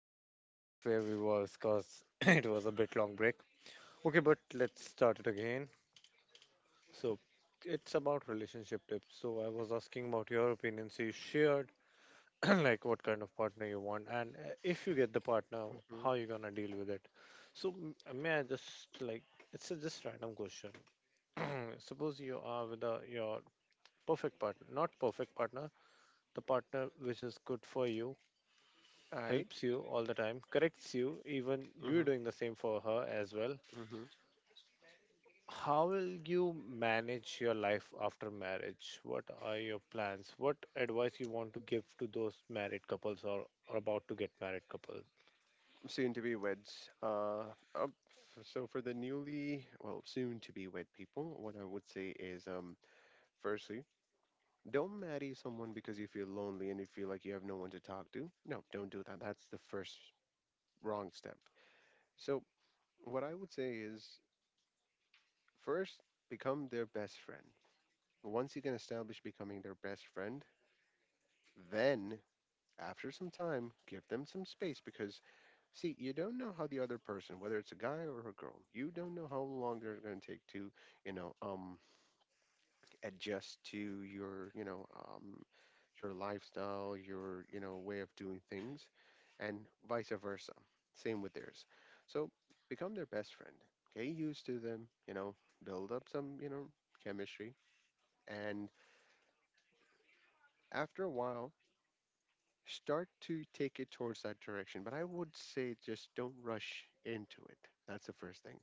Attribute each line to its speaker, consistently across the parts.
Speaker 1: I seem to forgot where we was because it was a bit long break. Okay, but let's start it again. So it's about relationship tips. So I was asking about your opinion. So you shared like what kind of partner you want, and if you get the partner,
Speaker 2: Mhm.
Speaker 1: how you gonna deal with it. So may I just like it's a just random question. Suppose you are with your perfect partner, not perfect partner, the partner which is good for you,
Speaker 2: All right.
Speaker 1: helps you all the time, corrects you, even you
Speaker 2: Mhm.
Speaker 1: doing the same for her as well.
Speaker 2: Mhm.
Speaker 1: How will you manage your life after marriage? What are your plans? What advice you want to give to those married couples, or about to get married couples?
Speaker 2: Soon to be weds. So for the newly, well, soon to be wed people, what I would say is, firstly, don't marry someone because you feel lonely and you feel like you have no one to talk to. No, don't do that. That's the first wrong step. So what I would say is, first, become their best friend. Once you can establish becoming their best friend, then after some time, give them some space because see, you don't know how the other person, whether it's a guy or a girl, you don't know how long they're going to take to, you know, um, adjust to your, your lifestyle, your, way of doing things, and vice versa. Same with theirs. So become their best friend. Get used to them, build up some, chemistry, and after a while, start to take it towards that direction. But I would say just don't rush into it. That's the first thing.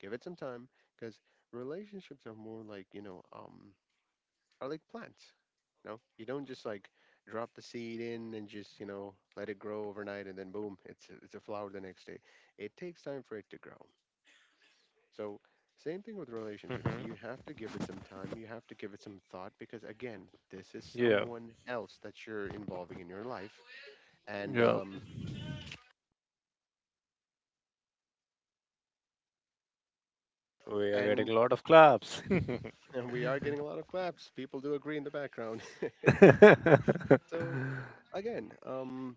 Speaker 2: Give it some time because relationships are more like, are like plants. You know, you don't just like drop the seed in and just, you know, let it grow overnight and then boom, it's a flower the next day. It takes time for it to grow. So, same thing with relationships.
Speaker 1: hmm
Speaker 2: You have to give it some time. You have to give it some thought because again, this is
Speaker 1: Yeah.
Speaker 2: someone else that you're involving in your life and
Speaker 1: Yeah,
Speaker 2: um
Speaker 1: we are getting
Speaker 2: and
Speaker 1: a lot of claps.
Speaker 2: And we are getting a lot of claps. People do agree in the background. So again,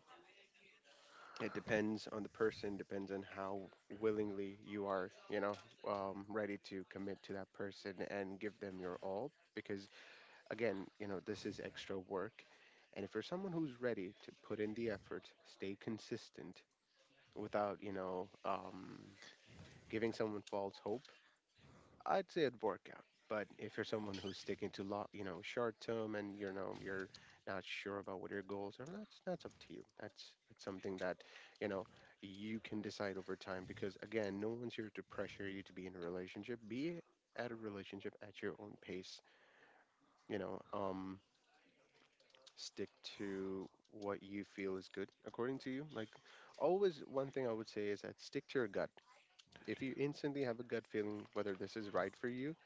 Speaker 2: it depends on the person, depends on how willingly you are, ready to commit to that person and give them your all. Because again, you know, this is extra work. And if you're someone who's ready to put in the effort, stay consistent without, giving someone false hope, I'd say it'd work out. But if you're someone who's sticking to long, you know, short term, and you know you're not sure about what your goals are, that's up to you. That's something that, you know, you can decide over time. Because again, no one's here to pressure you to be in a relationship. Be at a relationship at your own pace. You know, um, stick to what you feel is good according to you. Like always, one thing I would say is that stick to your gut. If you instantly have a gut feeling whether this is right for you,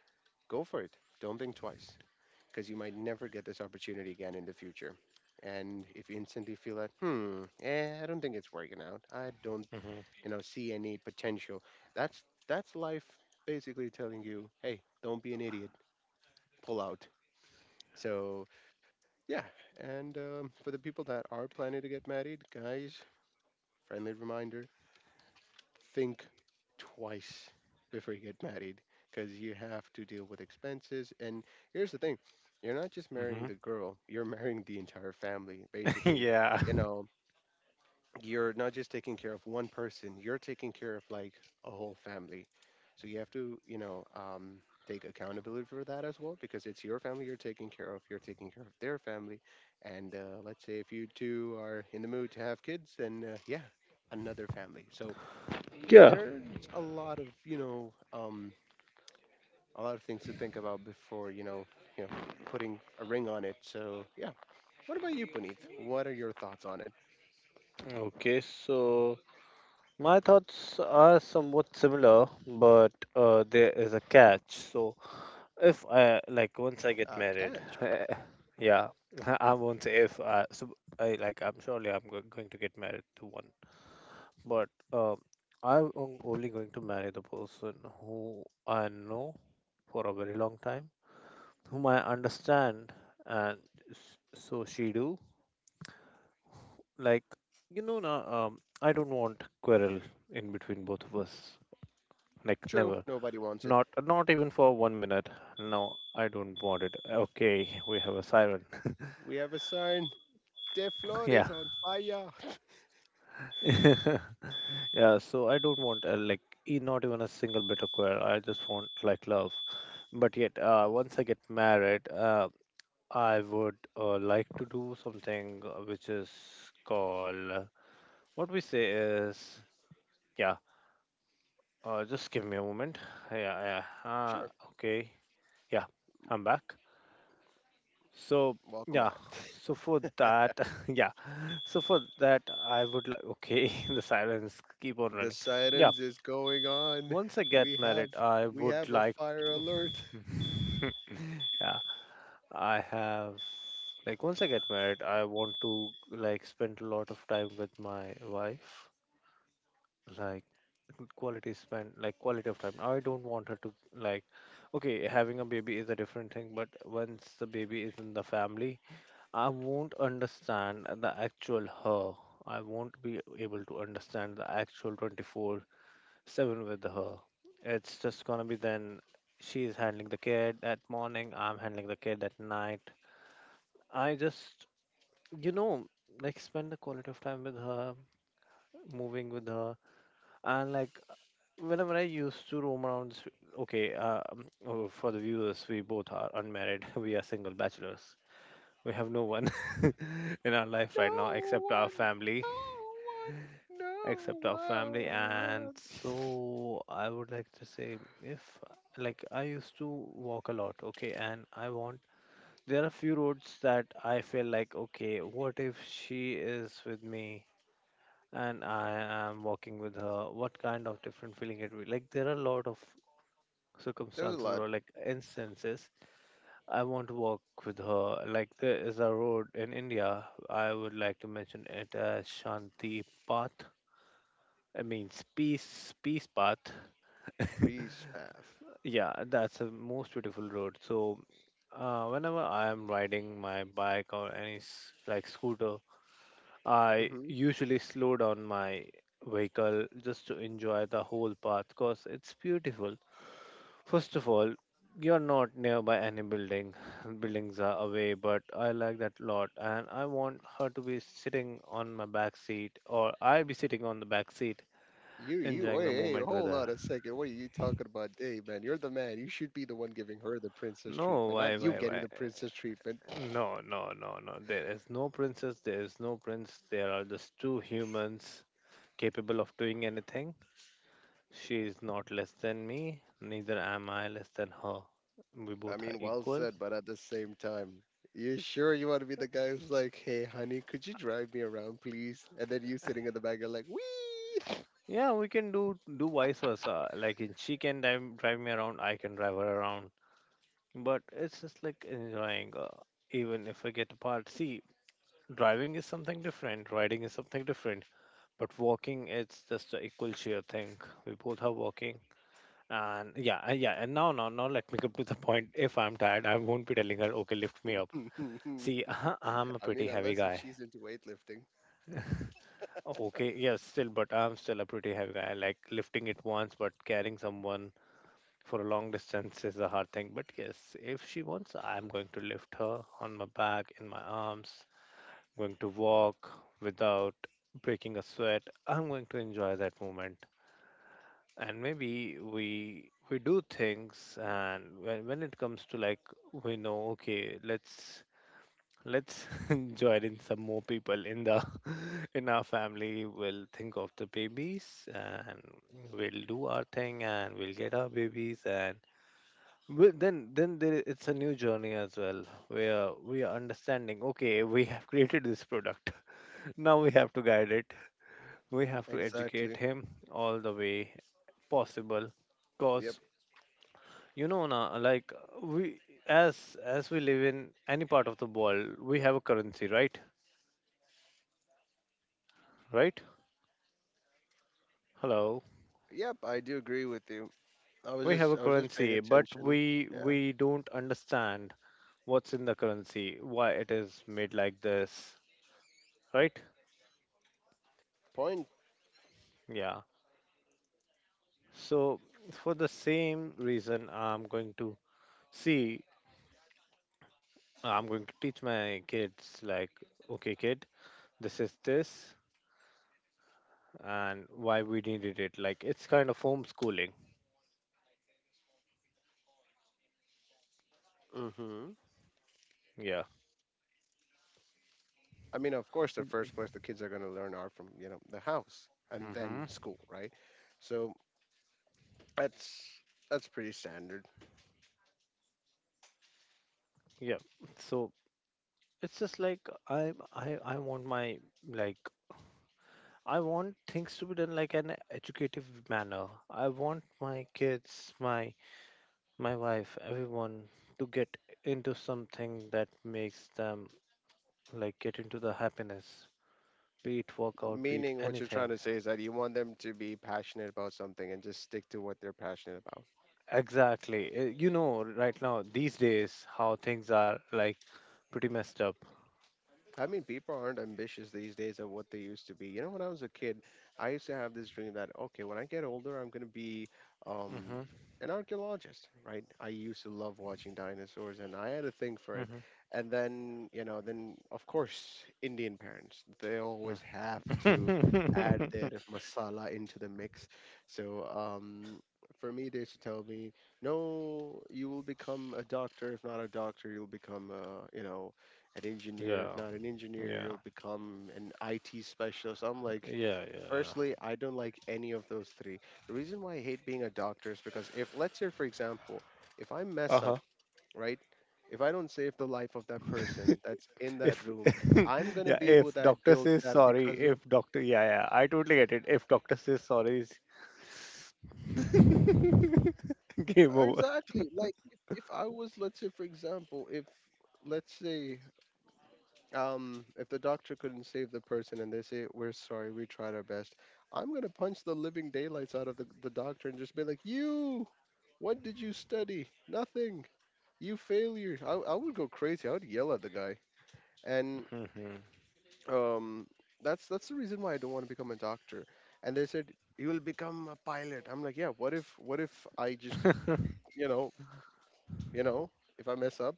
Speaker 2: go for it. Don't think twice, because you might never get this opportunity again in the future. And if you instantly feel that, I don't think it's working out. I don't,
Speaker 1: hmm
Speaker 2: you know, see any potential. That's that's life basically telling you, hey, don't be an idiot, pull out. So yeah, and for the people that are planning to get married, guys, friendly reminder: think twice before you get married because you have to deal with expenses. And here's the thing, you're not just
Speaker 1: hmm
Speaker 2: marrying the girl, you're marrying the entire family. Basically,
Speaker 1: yeah.
Speaker 2: you know, you're not just taking care of one person, you're taking care of like a whole family. So you have to, take accountability for that as well because it's your family you're taking care of, you're taking care of their family. And let's say if you two are in the mood to have kids, then yeah, another family. So
Speaker 1: Yeah.
Speaker 2: there's a lot of, a lot of things to think about before you know putting a ring on it. So yeah, what about you, Puneet? What are your thoughts on it?
Speaker 1: Okay, so my thoughts are somewhat similar, but there is a catch. So if I like once I get married,
Speaker 2: Catch.
Speaker 1: yeah, I won't say if I. So I like I'm surely I'm going to get married to one, but I'm only going to marry the person who I know for a very long time, whom I understand, and so she do like you know na I don't want quarrel in between both of us, like
Speaker 2: True,
Speaker 1: never,
Speaker 2: nobody wants it.
Speaker 1: not even for 1 minute. No, I don't want it. Okay, we have a siren.
Speaker 2: We have a sign. The floor
Speaker 1: Yeah.
Speaker 2: is on fire.
Speaker 1: Yeah, so I don't want like, not even a single bit of queer, I just want like love. But yet once I get married, I would like to do something which is called what we say is yeah. Just give me a moment. Yeah, yeah,
Speaker 2: Sure.
Speaker 1: okay, yeah, I'm back. So
Speaker 2: Welcome
Speaker 1: yeah,
Speaker 2: back.
Speaker 1: so for that yeah, so for that I would like, okay, the silence keep on
Speaker 2: The
Speaker 1: running. Yeah,
Speaker 2: sirens is going on.
Speaker 1: once I get
Speaker 2: We have
Speaker 1: married, I
Speaker 2: we
Speaker 1: would
Speaker 2: have a
Speaker 1: like.
Speaker 2: fire alert.
Speaker 1: Yeah, I have. Like, once I get married, I want to, like, spend a lot of time with my wife. Like, quality spend, like, quality of time. I don't want her to, like, okay, having a baby is a different thing, but once the baby is in the family, I won't understand the actual her. I won't be able to understand the actual 24 seven with her. It's just gonna be then she's handling the kid at morning, I'm handling the kid at night. I just, you know, like spend the quality of time with her, moving with her, and like whenever I used to roam around. Okay, oh, for the viewers, we both are unmarried. We are single bachelors. We have no one in our life right now
Speaker 2: No
Speaker 1: except our
Speaker 2: one.
Speaker 1: family.
Speaker 2: No one.
Speaker 1: Except our family. And
Speaker 2: No one.
Speaker 1: so I would like to say, if like I used to walk a lot, okay, and I want, there are a few roads that I feel like, okay, what if she is with me and I am walking with her, what kind of different feeling it will be? Like there are a lot of
Speaker 2: There's a
Speaker 1: circumstances
Speaker 2: lot.
Speaker 1: or like instances I want to walk with her. Like there is a road in India, I would like to mention it as Shanti Path. I mean, Peace Peace Path.
Speaker 2: Peace, path.
Speaker 1: Yeah, that's the most beautiful road. So whenever I am riding my bike or any like scooter, I usually slow down my vehicle just to enjoy the whole path because it's beautiful. First of all, you're not nearby any building. Buildings are away, but I like that lot, and I want her to be sitting on my back seat, or I'll be sitting on the back seat, enjoying the
Speaker 2: Wait, hey,
Speaker 1: moment with
Speaker 2: hold
Speaker 1: her.
Speaker 2: on a second. What are you talking about, Dave, man? You're the man. You should be the one giving her the princess
Speaker 1: No,
Speaker 2: treatment, not you getting
Speaker 1: why?
Speaker 2: the princess treatment.
Speaker 1: No, no. There is no princess, there is no prince. There are just two humans capable of doing anything. She is not less than me, neither am I less than her. We
Speaker 2: I
Speaker 1: both are
Speaker 2: mean, well
Speaker 1: equal.
Speaker 2: said, but at the same time, you sure you want to be the guy who's like, hey, honey, could you drive me around, please? And then you sitting in the back, you're like, wee.
Speaker 1: Yeah, we can do vice versa. Like in she can drive me around, I can drive her around. But it's just like enjoying. Even if I get apart, see, driving is something different, riding is something different, but walking, it's just a equal share thing. We both are walking, and yeah, and yeah, and now, let me come to the point. If I'm tired, I won't be telling her, okay, lift me up. See, I'm a
Speaker 2: I mean,
Speaker 1: pretty heavy
Speaker 2: unless if
Speaker 1: guy.
Speaker 2: she's into weightlifting.
Speaker 1: Okay, yes, still, but I'm still a pretty heavy guy. I like lifting it once, but carrying someone for a long distance is a hard thing. But yes, if she wants, I'm going to lift her on my back, in my arms, going to walk without breaking a sweat. I'm going to enjoy that moment. And maybe we do things. And when it comes to like we know, okay, let's join in some more people in the in our family, we'll think of the babies, and we'll do our thing, and we'll get our babies, and we, then there, it's a new journey as well, where we are understanding, okay, we have created this product, now we have to guide it. We have to educate
Speaker 2: Exactly.
Speaker 1: him all the way possible.
Speaker 2: Yep.
Speaker 1: Cause you know na, like we, as we live in any part of the world, we have a currency, right? Right? Hello.
Speaker 2: Yep, I do agree with you. I was
Speaker 1: We have
Speaker 2: just
Speaker 1: a
Speaker 2: I was just paying
Speaker 1: currency, but
Speaker 2: attention. Yeah.
Speaker 1: we don't understand what's in the currency, why it is made like this, right?
Speaker 2: Point.
Speaker 1: Yeah. So for the same reason, I'm going to, see, I'm going to teach my kids like, okay, kid, this is this, and why we needed it. Like, it's kind of homeschooling.
Speaker 2: Mm-hmm.
Speaker 1: Yeah.
Speaker 2: I mean, of course, the first place the kids are going to learn are from you know the house and then school, right? So that's that's pretty standard.
Speaker 1: Yeah, so it's just like I want my, like, I want things to be done like an educative manner. I want my kids, my wife, everyone to get into something that makes them, like, get into the happiness, be it workout, be it
Speaker 2: Meaning, what you're trying
Speaker 1: anything.
Speaker 2: to say is that you want them to be passionate about something and just stick to what they're passionate about.
Speaker 1: Exactly. You know, right now, these days, how things are, like, pretty messed up.
Speaker 2: I mean, people aren't ambitious these days of what they used to be. You know, when I was a kid, I used to have this dream that, okay, when I get older, I'm going to be um,
Speaker 1: Mhm.
Speaker 2: an archaeologist, right? I used to love watching dinosaurs and I had a thing for it.
Speaker 1: Mhm.
Speaker 2: And then, you know, then of course, Indian parents, they
Speaker 1: Mhm.
Speaker 2: always have to add their masala into the mix. So, for me, they used to tell me, no, you will become a doctor. If not a doctor, you'll become, a, you know, an engineer. If
Speaker 1: Yeah,
Speaker 2: not an engineer,
Speaker 1: yeah,
Speaker 2: you'll become an IT specialist. I'm like,
Speaker 1: yeah, yeah.
Speaker 2: firstly, I don't like any of those three. The reason why I hate being a doctor is because if, let's say, for example, if I mess up,
Speaker 1: Uh-huh.
Speaker 2: right? If I don't save the life of that person that's in
Speaker 1: If
Speaker 2: that room, I'm gonna
Speaker 1: yeah,
Speaker 2: be with
Speaker 1: if
Speaker 2: that
Speaker 1: doctor
Speaker 2: guilt
Speaker 1: says
Speaker 2: that
Speaker 1: sorry,
Speaker 2: because of
Speaker 1: if doctor, yeah, yeah, I totally get it. If doctor says sorry, is game over.
Speaker 2: exactly like if I was, let's say, for example, if let's say if the doctor couldn't save the person and they say, we're sorry, we tried our best, I'm gonna punch the living daylights out of the doctor and just be like, you, what did you study? Nothing. You failure. I would go crazy. I would yell at the guy. And
Speaker 1: Mhm.
Speaker 2: um, that's the reason why I don't want to become a doctor. And they said, you will become a pilot. I'm like, yeah, what if I just, you know, you know, if I mess up,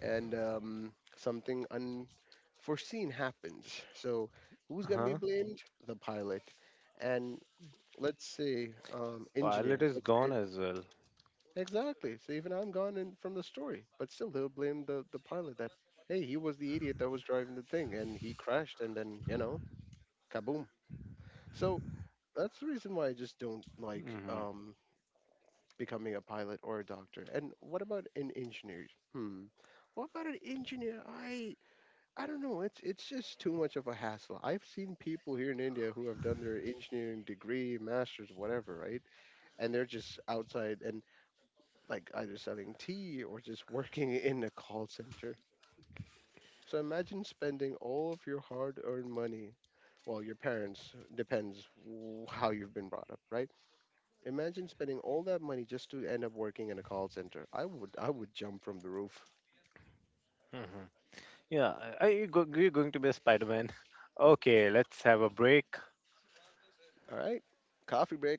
Speaker 2: and something unforeseen happens. So, who's going to be
Speaker 1: Uh-huh.
Speaker 2: blamed? The pilot. And let's say,
Speaker 1: Pilot
Speaker 2: engineer.
Speaker 1: is
Speaker 2: Let's say,
Speaker 1: gone as well.
Speaker 2: exactly. So, even I'm gone in from the story, but still, they'll blame the pilot that, hey, he was the idiot that was driving the thing and he crashed and then, you know, kaboom. So, that's the reason why I just don't like
Speaker 1: Mhm,
Speaker 2: becoming a pilot or a doctor. And what about an engineer? Hmm. What about an engineer? I don't know. It's just too much of a hassle. I've seen people here in India who have done their engineering degree, masters, whatever, right? And they're just outside and like either selling tea or just working in a call center. So imagine spending all of your hard-earned money. Well, your parents depends w- how you've been brought up, right? Imagine spending all that money just to end up working in a call center. I would jump from the roof.
Speaker 1: mhm. Yeah, are you, you going to be a Spider-Man? Okay, let's have a break.
Speaker 2: All right, coffee break.